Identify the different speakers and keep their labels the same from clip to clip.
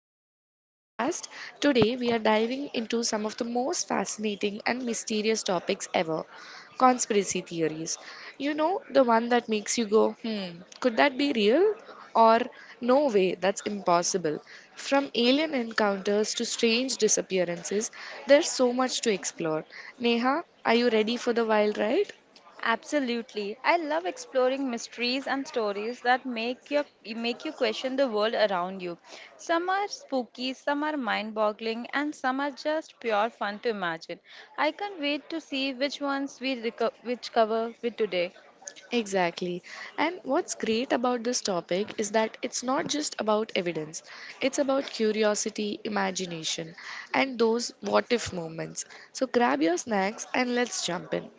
Speaker 1: back to our podcast. Today we are diving into some of the most fascinating and mysterious topics ever conspiracy theories. You know, the one that makes you go, hmm, could that be real? Or, no way, that's impossible. From alien encounters to strange disappearances, there's so much to explore. Neha, are you ready for the wild ride?
Speaker 2: Absolutely. I love exploring mysteries and stories that make you question the world around you. Some are spooky, some are mind-boggling, and some are just pure fun to imagine. I can't wait to see which ones we reco- which cover with today.
Speaker 1: Exactly. And what's great about this topic is that it's not just about evidence, it's about curiosity, imagination, and those what if moments. So grab your snacks and let's jump in.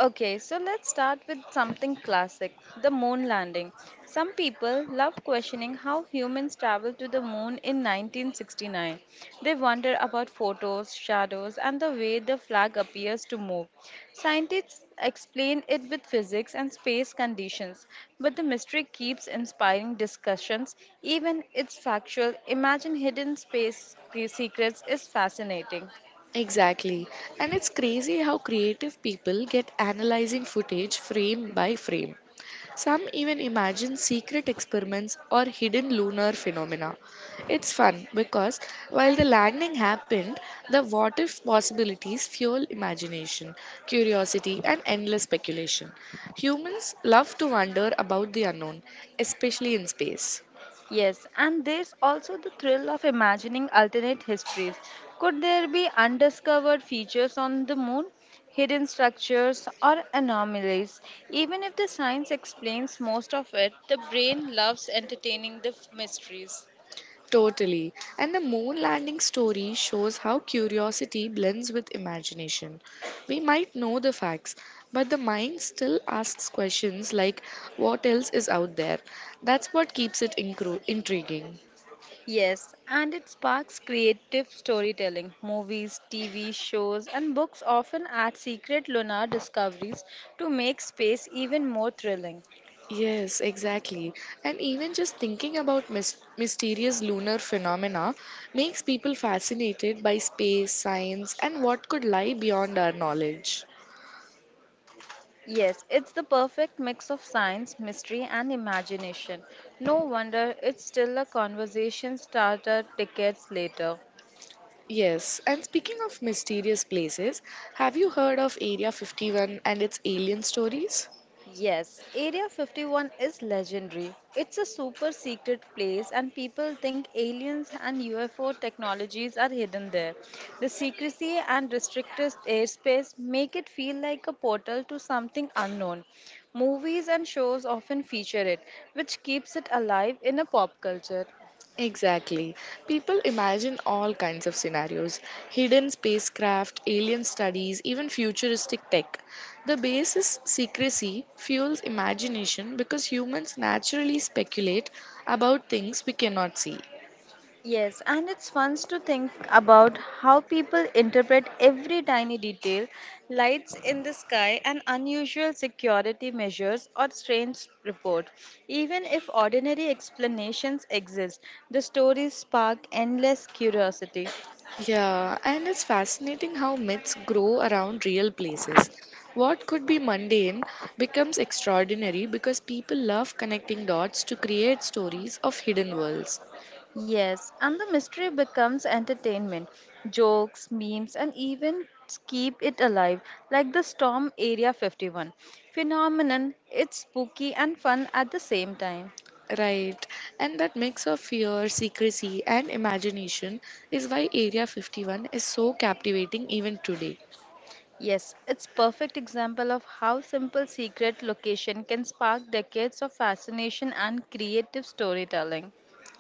Speaker 2: Okay, so let's start with something classic, the moon landing. Some people love questioning how humans traveled to the moon in 1969. They wonder about photos, shadows, and the way the flag appears to move. Scientists explain it with physics and space conditions, but the mystery keeps inspiring discussions, even it's factual. Imagine hidden space secrets is fascinating.
Speaker 1: Exactly. And it's crazy how creative people get analyzing footage frame by frame. Some even imagine secret experiments or hidden lunar phenomena. It's fun because while the landing happened, the what if possibilities fuel imagination, curiosity, and endless speculation. Humans love to wonder about the unknown, especially in space.
Speaker 2: Yes, and there's also the thrill of imagining alternate histories. Could there be undiscovered features on the moon, hidden structures, or anomalies? Even if the science explains most of it, the brain loves entertaining the mysteries.
Speaker 1: Totally. And the moon landing story shows how curiosity blends with imagination. We might know the facts, but the mind still asks questions like, what else is out there? That's what keeps it intriguing.
Speaker 2: Yes, and it sparks creative storytelling. Movies, TV shows, and books often add secret lunar discoveries to make space even more thrilling.
Speaker 1: Yes, exactly. And even just thinking about mysterious lunar phenomena makes people fascinated by space, science, and what could lie beyond our knowledge.
Speaker 2: Yes, it's the perfect mix of science, mystery, and imagination. No wonder it's still a conversation starter decades later.
Speaker 1: Yes, and speaking of mysterious places, have you heard of Area 51 and its alien stories?
Speaker 2: Yes, Area 51 is legendary. It's a super secret place, and people think aliens and UFO technologies are hidden there. The secrecy and restricted airspace make it feel like a portal to something unknown. Movies and shows often feature it, which keeps it alive in a pop culture.
Speaker 1: Exactly. People imagine all kinds of scenarios hidden spacecraft, alien studies, even futuristic tech. The base's secrecy fuels imagination because humans naturally speculate about things we cannot see.
Speaker 2: Yes, and it's fun to think about how people interpret every tiny detail, lights in the sky, and unusual security measures, or strange report. Even if ordinary explanations exist, the stories spark endless curiosity.
Speaker 1: Yeah, and it's fascinating how myths grow around real places. What could be mundane becomes extraordinary because people love connecting dots to create stories of hidden worlds.
Speaker 2: Yes, and the mystery becomes entertainment. Jokes, memes, and even keep it alive, like the Storm Area 51 phenomenon. It's spooky and fun at the same time.
Speaker 1: Right, and that mix of fear, secrecy, and imagination is why Area 51 is so captivating even today.
Speaker 2: Yes, it's perfect example of how simple secret location can spark decades of fascination and creative storytelling.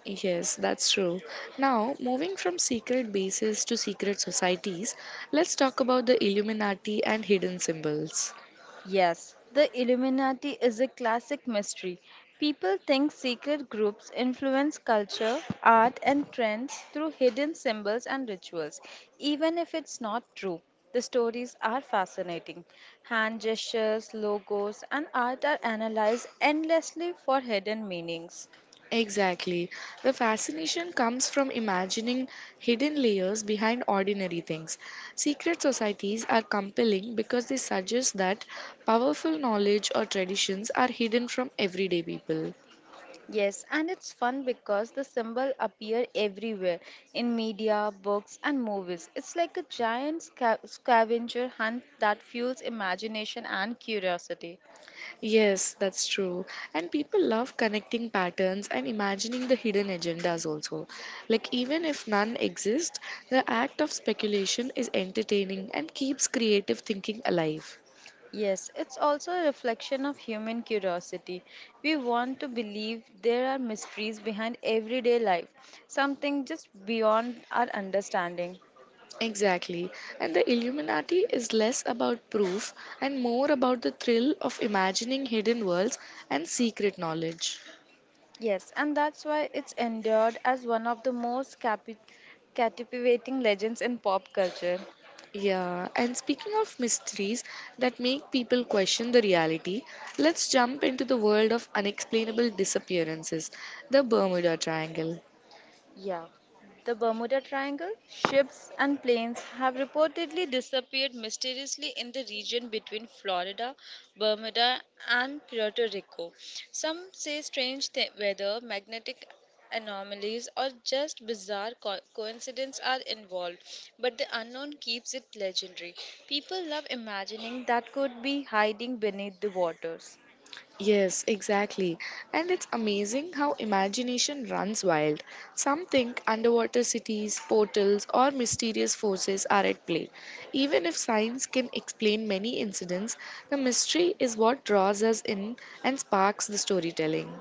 Speaker 1: Yes, that's true. Now, moving from secret bases to secret societies, let's talk about the Illuminati and hidden symbols.
Speaker 2: Yes, the Illuminati is a classic mystery. People think secret groups influence culture, art, and trends through hidden symbols and rituals, even if it's not true. The stories are fascinating. Hand gestures, logos, and art are analyzed endlessly for hidden meanings.
Speaker 1: Exactly. The fascination comes from imagining hidden layers behind ordinary things. Secret societies are compelling because they suggest that powerful knowledge or traditions are hidden from everyday people.
Speaker 2: Yes, and it's fun because the symbol appear everywhere in media, books, and movies. It's like a giant scavenger hunt that fuels imagination and curiosity.
Speaker 1: Yes, that's true. And people love connecting patterns and imagining the hidden agendas also. Like, even if none exist, the act of speculation is entertaining and keeps creative thinking alive.
Speaker 2: Yes, it's also a reflection of human curiosity. We want to believe there are mysteries behind everyday life, something just beyond our understanding.
Speaker 1: Exactly. And the Illuminati is less about proof and more about the thrill of imagining hidden worlds and secret knowledge.
Speaker 2: Yes, and that's why it's endured as one of the most captivating legends in pop culture.
Speaker 1: Yeah, and speaking of mysteries that make people question the reality, let's jump into the world of unexplainable disappearances, the Bermuda Triangle.
Speaker 2: Yeah. The Bermuda Triangle, ships and planes have reportedly disappeared mysteriously in the region between Florida, Bermuda, and Puerto Rico. Some say strange weather, magnetic anomalies, or just bizarre coincidences are involved, but the unknown keeps it legendary. People love imagining that could be hiding beneath the waters.
Speaker 1: Yes, exactly. And it's amazing how imagination runs wild. Some think underwater cities, portals, or mysterious forces are at play. Even if science can explain many incidents, the mystery is what draws us in and sparks the storytelling.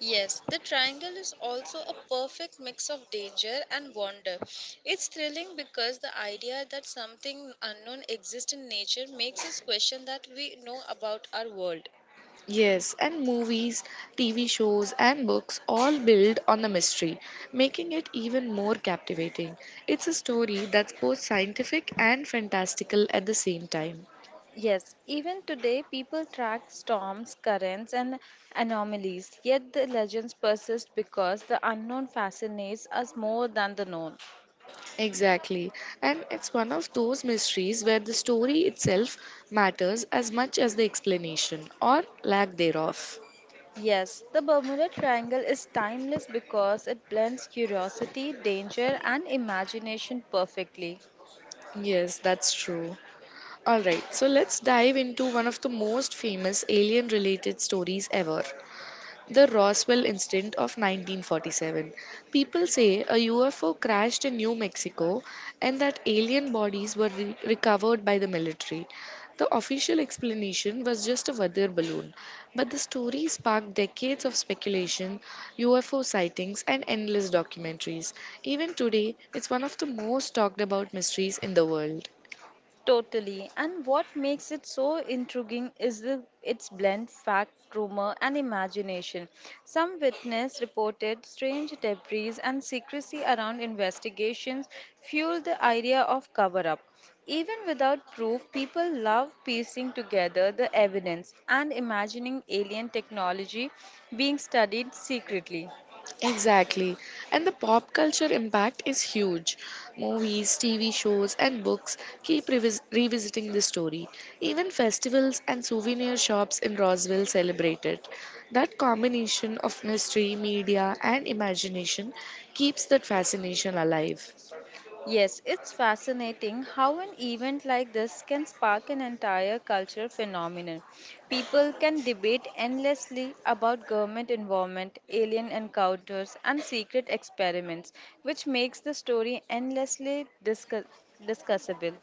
Speaker 2: Yes, the triangle is also a perfect mix of danger and wonder. It's thrilling because the idea that something unknown exists in nature makes us question that we know about our world.
Speaker 1: Yes, and movies, TV shows, and books all build on the mystery, making it even more captivating. It's a story that's both scientific and fantastical at the same time.
Speaker 2: Yes, even today people track storms, currents, and anomalies, yet the legends persist because the unknown fascinates us more than the known.
Speaker 1: Exactly. And it's one of those mysteries where the story itself matters as much as the explanation or lack thereof.
Speaker 2: Yes, the Bermuda Triangle is timeless because it blends curiosity, danger, and imagination perfectly.
Speaker 1: Yes, that's true. Alright, so let's dive into one of the most famous alien related stories ever the Roswell incident of 1947. People say a UFO crashed in New Mexico and that alien bodies were recovered by the military. The official explanation was just a weather balloon, but the story sparked decades of speculation, UFO sightings, and endless documentaries. Even today, it's one of the most talked about mysteries in the world.
Speaker 2: Totally. And what makes it so intriguing is the, its blend fact, rumor, and imagination. Some witness reported strange debris and secrecy around investigations fueled the idea of cover up. Even without proof, people love piecing together the evidence and imagining alien technology being studied secretly.
Speaker 1: Exactly. And the pop culture impact is huge. Movies, TV shows, and books keep revisiting the story. Even festivals and souvenir shops in Roswell celebrate it. That combination of mystery, media, and imagination keeps that fascination alive.
Speaker 2: Yes, it's fascinating how an event like this can spark an entire culture phenomenon. People can debate endlessly about government involvement, alien encounters, and secret experiments, which makes the story endlessly discussable.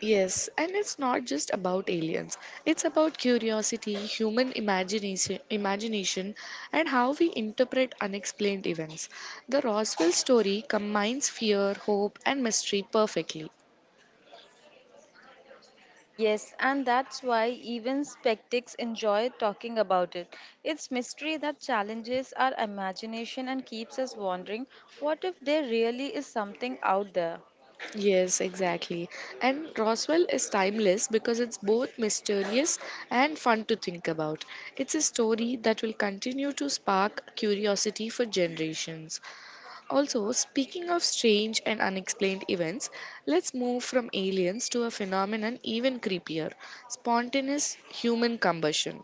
Speaker 1: Yes, and it's not just about aliens. It's about curiosity, human imagination, and how we interpret unexplained events. The Roswell story combines fear, hope, and mystery perfectly.
Speaker 2: Yes, and that's why even skeptics enjoy talking about it. It's mystery that challenges our imagination and keeps us wondering what if there really is something out there?
Speaker 1: Yes, exactly. And Roswell is timeless because it's both mysterious and fun to think about. It's a story that will continue to spark curiosity for generations. Also, speaking of strange and unexplained events, let's move from aliens to a phenomenon even creepier spontaneous human combustion.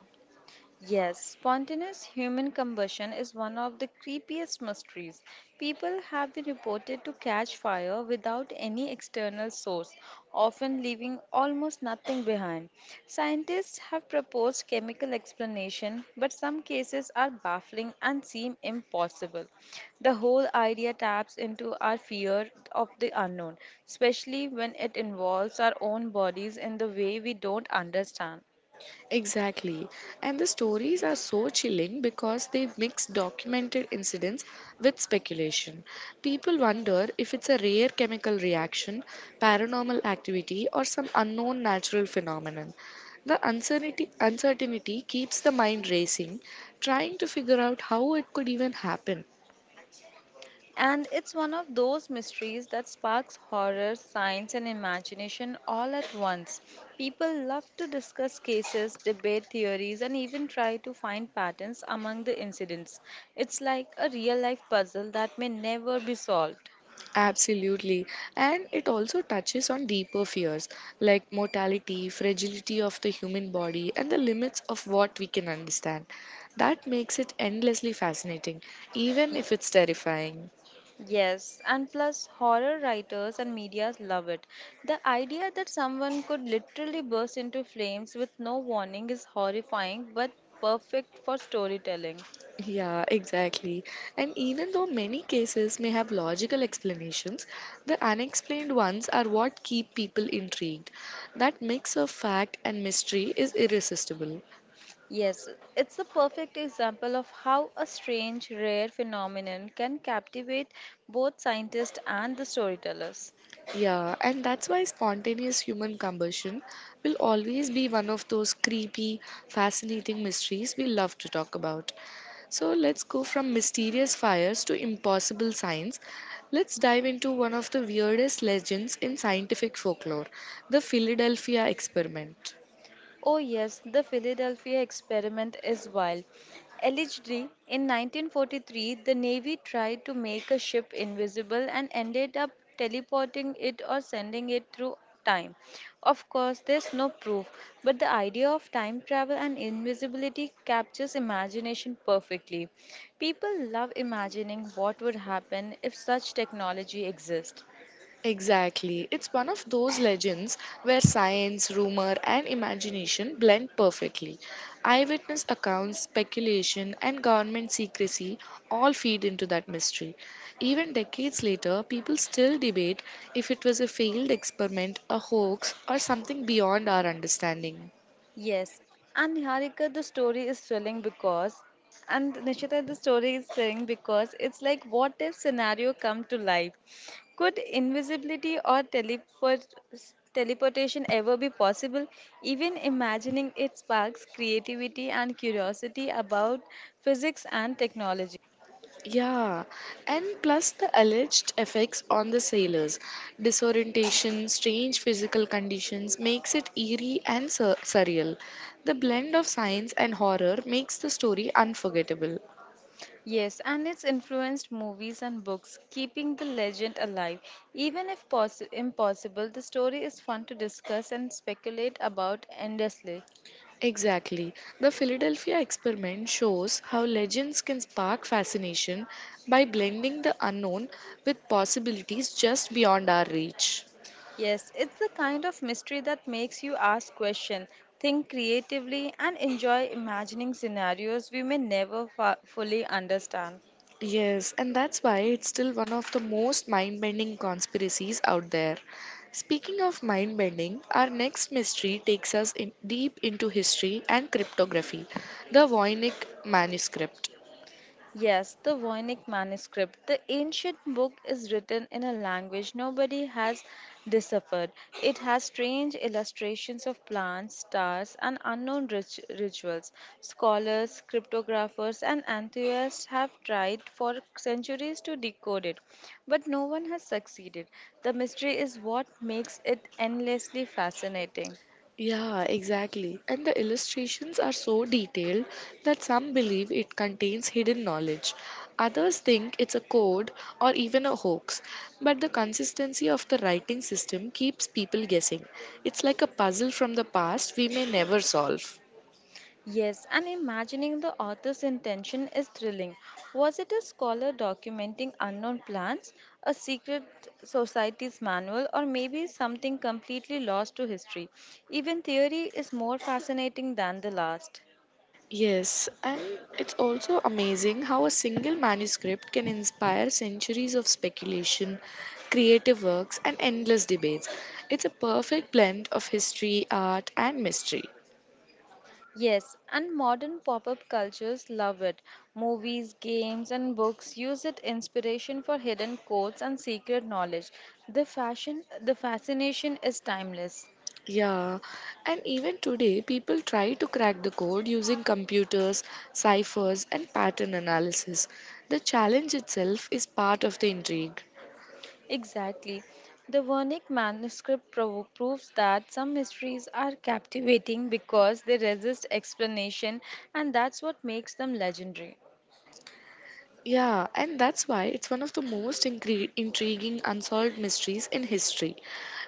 Speaker 2: Yes, spontaneous human combustion is one of the creepiest mysteries. People have been reported to catch fire without any external source, often leaving almost nothing behind. Scientists have proposed chemical explanation, but some cases are baffling and seem impossible. The whole idea taps into our fear of the unknown, especially when it involves our own bodies in the way we don't understand.
Speaker 1: Exactly. And the stories are so chilling because they mix documented incidents with speculation. People wonder if it's a rare chemical reaction, paranormal activity, or some unknown natural phenomenon. The uncertainty keeps the mind racing, trying to figure out how it could even happen.
Speaker 2: And it's one of those mysteries that sparks horror, science, and imagination all at once. People love to discuss cases, debate theories, and even try to find patterns among the incidents. It's like a real life puzzle that may never be solved.
Speaker 1: Absolutely. And it also touches on deeper fears like mortality, fragility of the human body, and the limits of what we can understand. That makes it endlessly fascinating, even if it's terrifying.
Speaker 2: Yes, and plus horror writers and medias love it. The idea that someone could literally burst into flames with no warning is horrifying but perfect for storytelling.
Speaker 1: Yeah, exactly. And even though many cases may have logical explanations, the unexplained ones are what keep people intrigued. That mix of fact and mystery is irresistible.
Speaker 2: Yes, it's a perfect example of how a strange, rare phenomenon can captivate both scientists and the storytellers.
Speaker 1: Yeah, and that's why spontaneous human combustion will always be one of those creepy, fascinating mysteries we love to talk about. So let's go from mysterious fires to impossible science. Let's dive into one of the weirdest legends in scientific folklore the Philadelphia experiment.
Speaker 2: Oh, yes, the Philadelphia experiment is wild. Allegedly, in 1943, the Navy tried to make a ship invisible and ended up teleporting it or sending it through time. Of course, there's no proof, but the idea of time travel and invisibility captures imagination perfectly. People love imagining what would happen if such technology exists.
Speaker 1: Exactly. It's one of those legends where science, rumor, and imagination blend perfectly. Eyewitness accounts, speculation, and government secrecy all feed into that mystery. Even decades later, people still debate if it was a failed experiment, a hoax, or something beyond our understanding.
Speaker 2: Yes, and Niharika, the story is thrilling because, and Nishita, the story is thrilling because it's like what if scenario come to life? Could invisibility or teleportation ever be possible? Even imagining it sparks creativity and curiosity about physics and technology.
Speaker 1: Yeah, and plus the alleged effects on the sailors. Disorientation, strange physical conditions makes it eerie and surreal. The blend of science and horror makes the story unforgettable.
Speaker 2: Yes, and it's influenced movies and books, keeping the legend alive. Even if possi impossible, the story is fun to discuss and speculate about endlessly.
Speaker 1: Exactly. The Philadelphia experiment shows how legends can spark fascination by blending the unknown with possibilities just beyond our reach.
Speaker 2: Yes, it's the kind of mystery that makes you ask questions, think creatively, and enjoy imagining scenarios we may never fa fully understand.
Speaker 1: Yes, and that's why it's still one of the most mind bending conspiracies out there. Speaking of mind bending, our next mystery takes us in deep into history and cryptography the Voynich manuscript.
Speaker 2: Yes, the Voynich manuscript. The ancient book is written in a language nobody has deciphered. It has strange illustrations of plants, stars, and unknown rituals. Scholars, cryptographers, and enthusiasts have tried for centuries to decode it, but no one has succeeded. The mystery is what makes it endlessly fascinating.
Speaker 1: Yeah, exactly. And the illustrations are so detailed that some believe it contains hidden knowledge. Others think it's a code or even a hoax. But the consistency of the writing system keeps people guessing. It's like a puzzle from the past we may never solve.
Speaker 2: Yes, and imagining the author's intention is thrilling. Was it a scholar documenting unknown plants, a secret society's manual, or maybe something completely lost to history? Even theory is more fascinating than the last.
Speaker 1: Yes, and it's also amazing how a single manuscript can inspire centuries of speculation, creative works, and endless debates. It's a perfect blend of history, art, and mystery.
Speaker 2: Yes, and modern pop up cultures love it. Movies, games, and books use it inspiration for hidden codes and secret knowledge. The fascination is timeless.
Speaker 1: Yeah, and even today, people try to crack the code using computers, ciphers, and pattern analysis. The challenge itself is part of the intrigue.
Speaker 2: Exactly. The Wernick manuscript proves that some mysteries are captivating because they resist explanation, and that's what makes them legendary.
Speaker 1: Yeah, and that's why it's one of the most intriguing unsolved mysteries in history,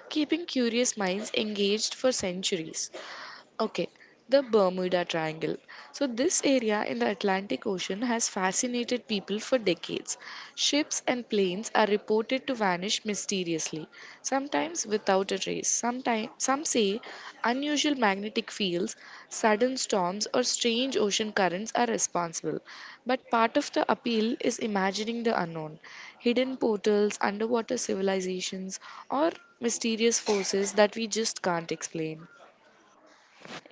Speaker 1: keeping curious minds engaged for centuries. Okay, the Bermuda Triangle. So, this area in the Atlantic Ocean has fascinated people for decades. Ships and planes are reported to vanish mysteriously, sometimes without a trace. Sometime, some say unusual magnetic fields, sudden storms, or strange ocean currents are responsible. But part of the appeal is imagining the unknown hidden portals, underwater civilizations, or mysterious forces that we just can't explain.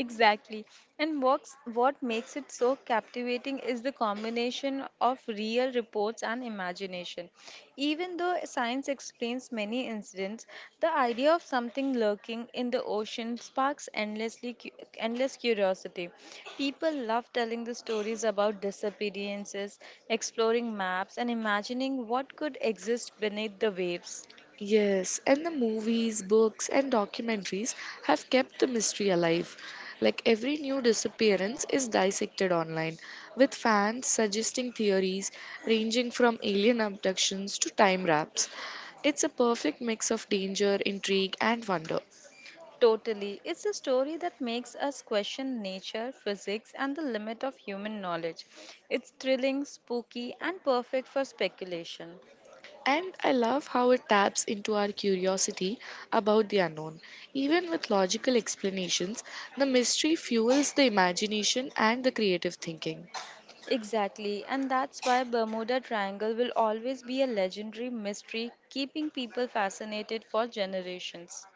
Speaker 2: Exactly. And what makes it so captivating is the combination of real reports and imagination. Even though science explains many incidents, the idea of something lurking in the ocean sparks endless curiosity. People love telling the stories about disappearances, exploring maps, and imagining what could exist beneath the waves.
Speaker 1: Yes, and the movies, books, and documentaries have kept the mystery alive. Like every new disappearance is dissected online, with fans suggesting theories ranging from alien abductions to time wraps. It's a perfect mix of danger, intrigue, and wonder.
Speaker 2: Totally. It's a story that makes us question nature, physics, and the limit of human knowledge. It's thrilling, spooky, and perfect for speculation.
Speaker 1: And I love how it taps into our curiosity about the unknown. Even with logical explanations, the mystery fuels the imagination and the creative thinking.
Speaker 2: Exactly, and that's why Bermuda Triangle will always be a legendary mystery, keeping people fascinated for generations.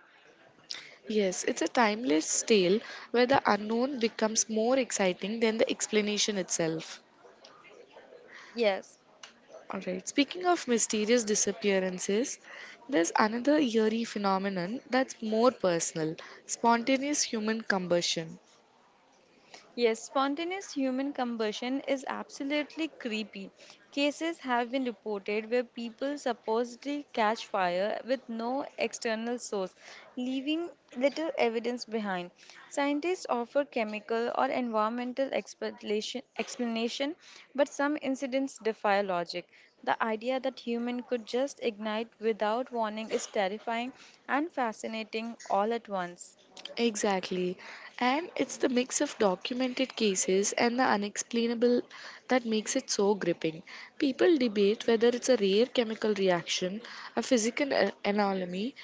Speaker 1: Yes, it's a timeless tale where the unknown becomes more exciting than the explanation itself.
Speaker 2: Yes,
Speaker 1: Alright, speaking of mysterious disappearances, there's another eerie phenomenon that's more personal spontaneous human combustion.
Speaker 2: yes, spontaneous human combustion is absolutely creepy. Cases have been reported where people supposedly catch fire with no external source, leaving little evidence behind. Scientists offer chemical or environmental explanation, but some incidents defy logic. The idea that human could just ignite without warning is terrifying and fascinating all at once.
Speaker 1: Exactly. And it's the mix of documented cases and the unexplainable that makes it so gripping. People debate whether it's a rare chemical reaction, a physical anomaly,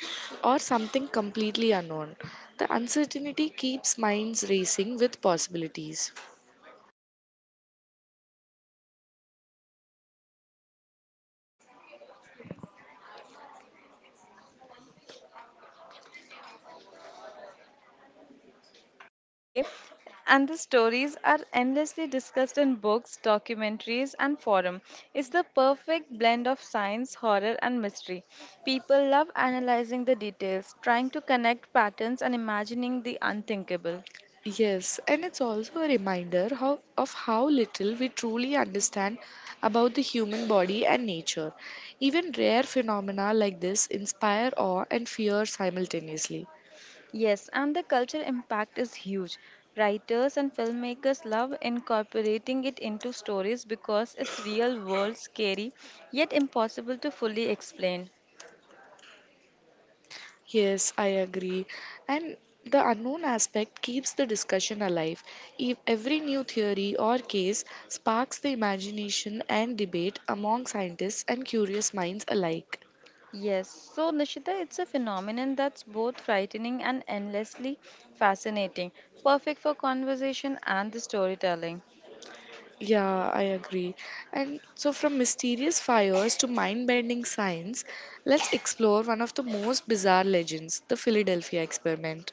Speaker 1: or something completely unknown. The uncertainty keeps minds racing with possibilities.
Speaker 2: Okay. And the stories are endlessly discussed in books, documentaries, and forum. It's the perfect blend of science, horror, and mystery. People love analyzing the details, trying to connect patterns, and imagining the unthinkable.
Speaker 1: Yes, and it's also a reminder of how little we truly understand about the human body and nature. Even rare phenomena like this inspire awe and fear simultaneously.
Speaker 2: Yes, and the cultural impact is huge. Writers and filmmakers love incorporating it into stories because it's real world, scary, yet impossible to fully explain.
Speaker 1: Yes, I agree. And the unknown aspect keeps the discussion alive. If every new theory or case sparks the imagination and debate among scientists and curious minds alike.
Speaker 2: Yes, so Nishita, it's a phenomenon that's both frightening and endlessly fascinating, perfect for conversation and the storytelling.
Speaker 1: Yeah, I agree. And so, from mysterious fires to mind bending science, let's explore one of the most bizarre legends the Philadelphia experiment.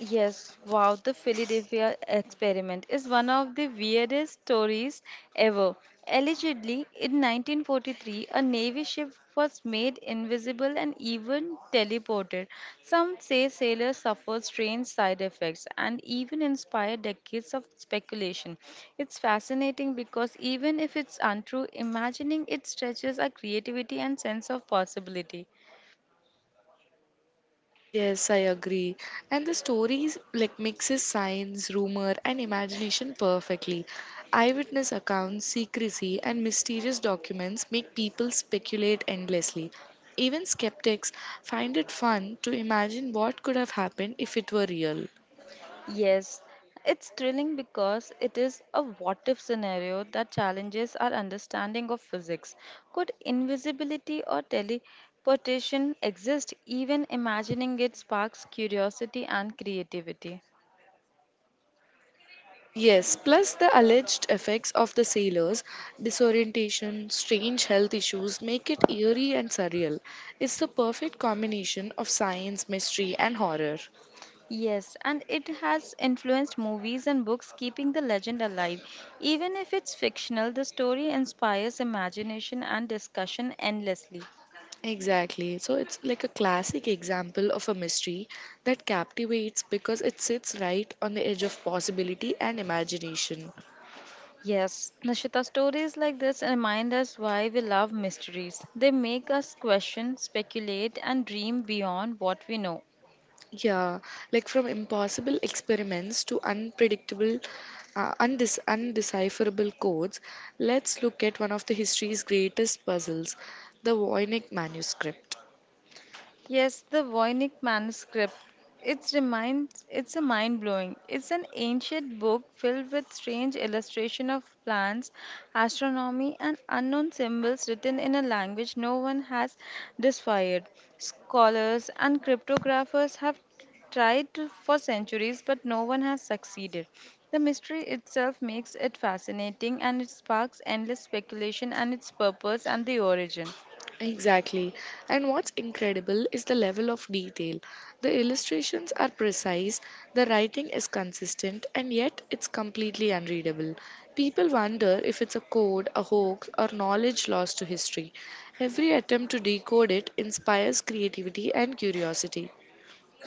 Speaker 2: Yes, wow, the Philadelphia experiment is one of the weirdest stories ever. Allegedly, in 1943, a Navy ship was made invisible and even teleported. Some say sailors suffered strange side effects and even inspired decades of speculation. It's fascinating because even if it's untrue, imagining it stretches our creativity and sense of possibility.
Speaker 1: Yes, I agree. And the story like mixes science, rumor, and imagination perfectly. Eyewitness accounts, secrecy, and mysterious documents make people speculate endlessly. Even skeptics find it fun to imagine what could have happened if it were real.
Speaker 2: Yes, it's thrilling because it is a what if scenario that challenges our understanding of physics. Could invisibility or teleportation exist? Even imagining it sparks curiosity and creativity.
Speaker 1: Yes, plus the alleged effects of the sailors, disorientation, strange health issues make it eerie and surreal. It's the perfect combination of science, mystery, and horror.
Speaker 2: Yes, and it has influenced movies and books, keeping the legend alive. Even if it's fictional, the story inspires imagination and discussion endlessly.
Speaker 1: Exactly. So it's like a classic example of a mystery that captivates because it sits right on the edge of possibility and imagination.
Speaker 2: Yes, Nishita, stories like this remind us why we love mysteries. They make us question, speculate, and dream beyond what we know.
Speaker 1: Yeah, like from impossible experiments to unpredictable, undecipherable codes, let's look at one of the history's greatest puzzles, the Voynich manuscript.
Speaker 2: Yes, the Voynich manuscript. It's a mind-blowing. It's an ancient book filled with strange illustration of plants, astronomy and unknown symbols written in a language no one has deciphered. Scholars and cryptographers have for centuries but no one has succeeded. The mystery itself makes it fascinating and it sparks endless speculation and its purpose and the origin.
Speaker 1: Exactly. And what's incredible is the level of detail. The illustrations are precise, the writing is consistent, and yet it's completely unreadable. People wonder if it's a code, a hoax, or knowledge lost to history. Every attempt to decode it inspires creativity and curiosity.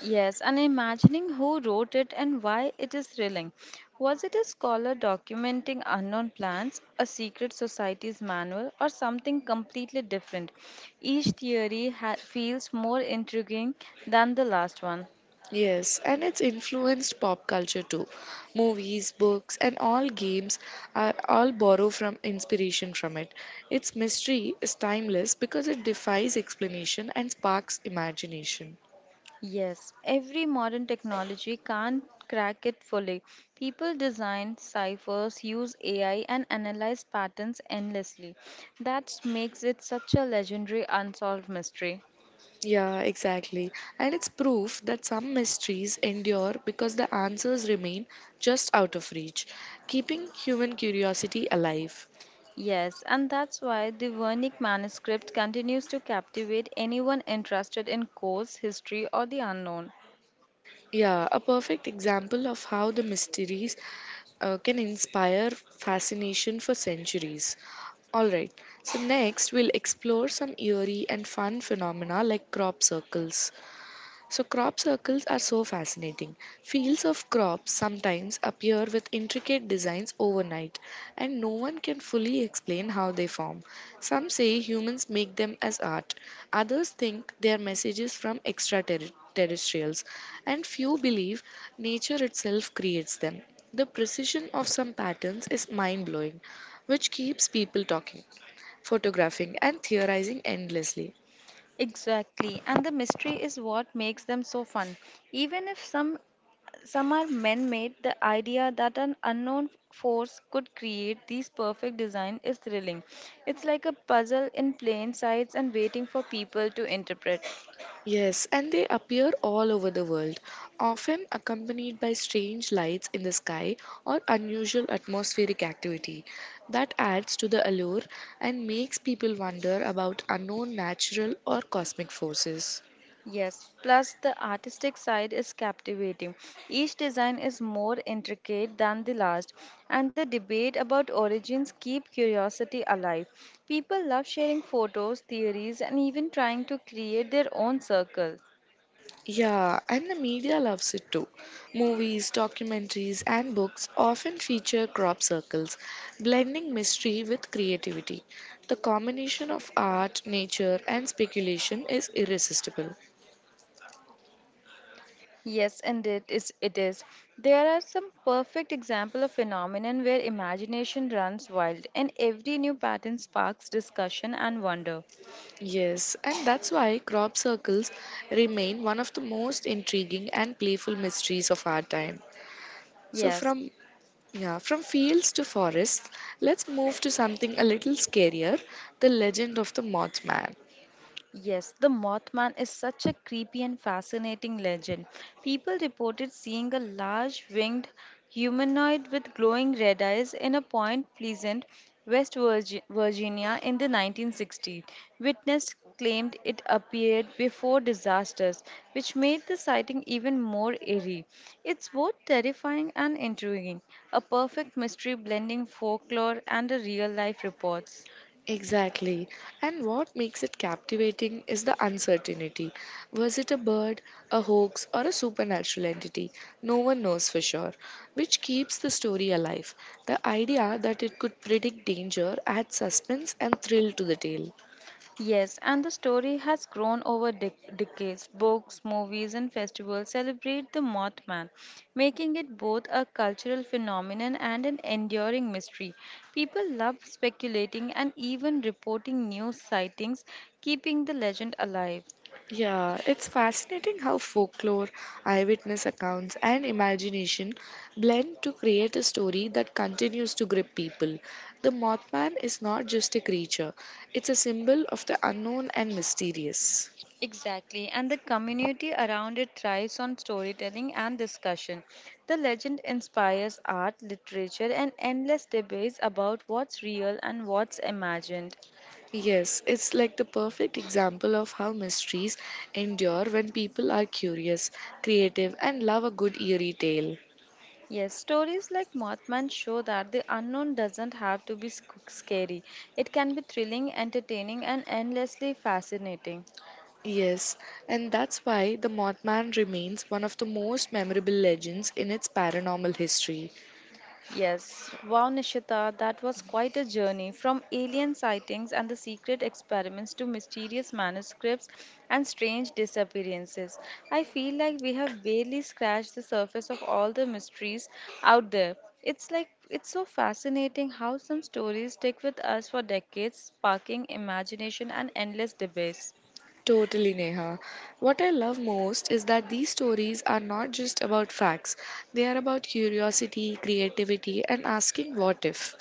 Speaker 2: Yes, and imagining who wrote it and why it is thrilling. Was it a scholar documenting unknown plants, a secret society's manual, or something completely different? Each theory feels more intriguing than the last one.
Speaker 1: Yes, and it's influenced pop culture too. Movies, books, and all games are all borrow from inspiration from it. Its mystery is timeless because it defies explanation and sparks imagination.
Speaker 2: Yes, every modern technology can't crack it fully. People design ciphers, use AI, and analyze patterns endlessly. That makes it such a legendary unsolved mystery.
Speaker 1: Yeah, exactly. And it's proof that some mysteries endure because the answers remain just out of reach, keeping human curiosity alive.
Speaker 2: Yes, and that's why the Wernicke manuscript continues to captivate anyone interested in Coase history or the unknown.
Speaker 1: Yeah, a perfect example of how the mysteries can inspire fascination for centuries. Alright, so next we'll explore some eerie and fun phenomena like crop circles. So, crop circles are so fascinating. Fields of crops sometimes appear with intricate designs overnight, and no one can fully explain how they form. Some say humans make them as art, others think they are messages from extraterrestrials, and few believe nature itself creates them. The precision of some patterns is mind blowing, which keeps people talking, photographing, and theorizing endlessly.
Speaker 2: Exactly, and the mystery is what makes them so fun. Even if some are man-made, the idea that an unknown force could create these perfect design is thrilling. It's like a puzzle in plain sight and waiting for people to interpret.
Speaker 1: Yes, and they appear all over the world, often accompanied by strange lights in the sky or unusual atmospheric activity. That adds to the allure and makes people wonder about unknown natural or cosmic forces.
Speaker 2: Yes, plus the artistic side is captivating. Each design is more intricate than the last, and the debate about origins keep curiosity alive. People love sharing photos, theories, and even trying to create their own circle.
Speaker 1: Yeah, and the media loves it too. Movies, documentaries, and books often feature crop circles, blending mystery with creativity. The combination of art, nature, and speculation is irresistible.
Speaker 2: Yes, and it is. There are some perfect example of phenomenon where imagination runs wild and every new pattern sparks discussion and wonder.
Speaker 1: Yes, and that's why crop circles remain one of the most intriguing and playful mysteries of our time. So
Speaker 2: Yes.
Speaker 1: from yeah, from fields to forests, let's move to something a little scarier, the legend of the Mothman.
Speaker 2: Yes, the Mothman is such a creepy and fascinating legend. People reported seeing a large winged humanoid with glowing red eyes in a Point Pleasant, Virginia in the 1960s. Witness claimed it appeared before disasters, which made the sighting even more eerie. It's both terrifying and intriguing, a perfect mystery blending folklore and real life reports.
Speaker 1: Exactly. And what makes it captivating is the uncertainty. Was it a bird, a hoax, or a supernatural entity? No one knows for sure, which keeps the story alive. The idea that it could predict danger adds suspense and thrill to the tale.
Speaker 2: Yes, and the story has grown over decades. Books, movies, and festivals celebrate the Mothman, making it both a cultural phenomenon and an enduring mystery. People love speculating and even reporting new sightings, keeping the legend alive.
Speaker 1: Yeah, it's fascinating how folklore, eyewitness accounts, and imagination blend to create a story that continues to grip people. The Mothman is not just a creature, it's a symbol of the unknown and mysterious.
Speaker 2: Exactly, and the community around it thrives on storytelling and discussion. The legend inspires art, literature, and endless debates about what's real and what's imagined.
Speaker 1: Yes, it's like the perfect example of how mysteries endure when people are curious, creative, and love a good eerie tale.
Speaker 2: Yes, stories like Mothman show that the unknown doesn't have to be scary. It can be thrilling, entertaining, and endlessly fascinating.
Speaker 1: Yes, and that's why the Mothman remains one of the most memorable legends in its paranormal history.
Speaker 2: Yes, wow, Nishita, that was quite a journey from alien sightings and the secret experiments to mysterious manuscripts and strange disappearances. I feel like we have barely scratched the surface of all the mysteries out there. It's so fascinating how some stories stick with us for decades, sparking imagination and endless debates.
Speaker 1: Totally, Neha. What I love most is that these stories are not just about facts, they are about curiosity, creativity, and asking what if.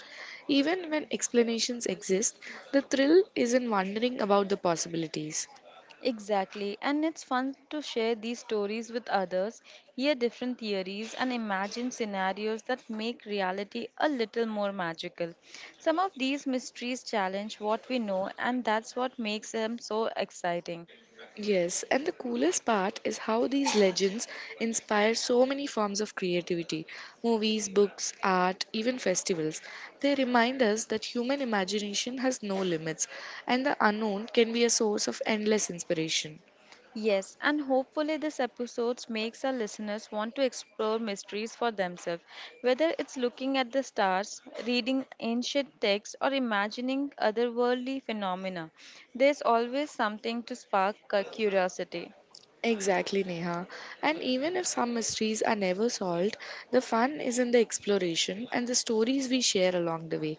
Speaker 1: Even when explanations exist, the thrill is in wondering about the possibilities.
Speaker 2: Exactly, and it's fun to share these stories with others, hear different theories, and imagine scenarios that make reality a little more magical. Some of these mysteries challenge what we know, and that's what makes them so exciting.
Speaker 1: Yes, and the coolest part is how these legends inspire so many forms of creativity movies, books, art, even festivals. They remind us that human imagination has no limits, and the unknown can be a source of endless inspiration.
Speaker 2: Yes, and hopefully this episode makes our listeners want to explore mysteries for themselves, whether it's looking at the stars, reading ancient texts, or imagining otherworldly phenomena. There's always something to spark curiosity.
Speaker 1: Exactly, Neha. And even if some mysteries are never solved, the fun is in the exploration and the stories we share along the way.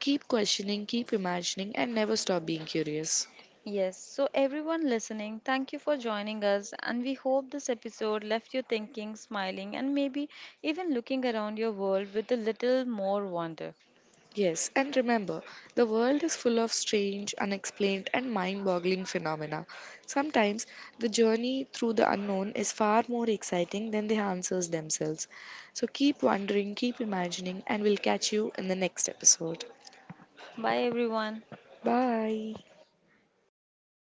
Speaker 1: Keep questioning, keep imagining, and never stop being curious.
Speaker 2: Yes, so everyone listening, thank you for joining us, and we hope this episode left you thinking, smiling, and maybe even looking around your world with a little more wonder.
Speaker 1: Yes, and remember, the world is full of strange, unexplained, and mind boggling phenomena. Sometimes the journey through the unknown is far more exciting than the answers themselves. So keep wondering, keep imagining, and we'll catch you in the next episode.
Speaker 2: Bye, everyone.
Speaker 1: Bye.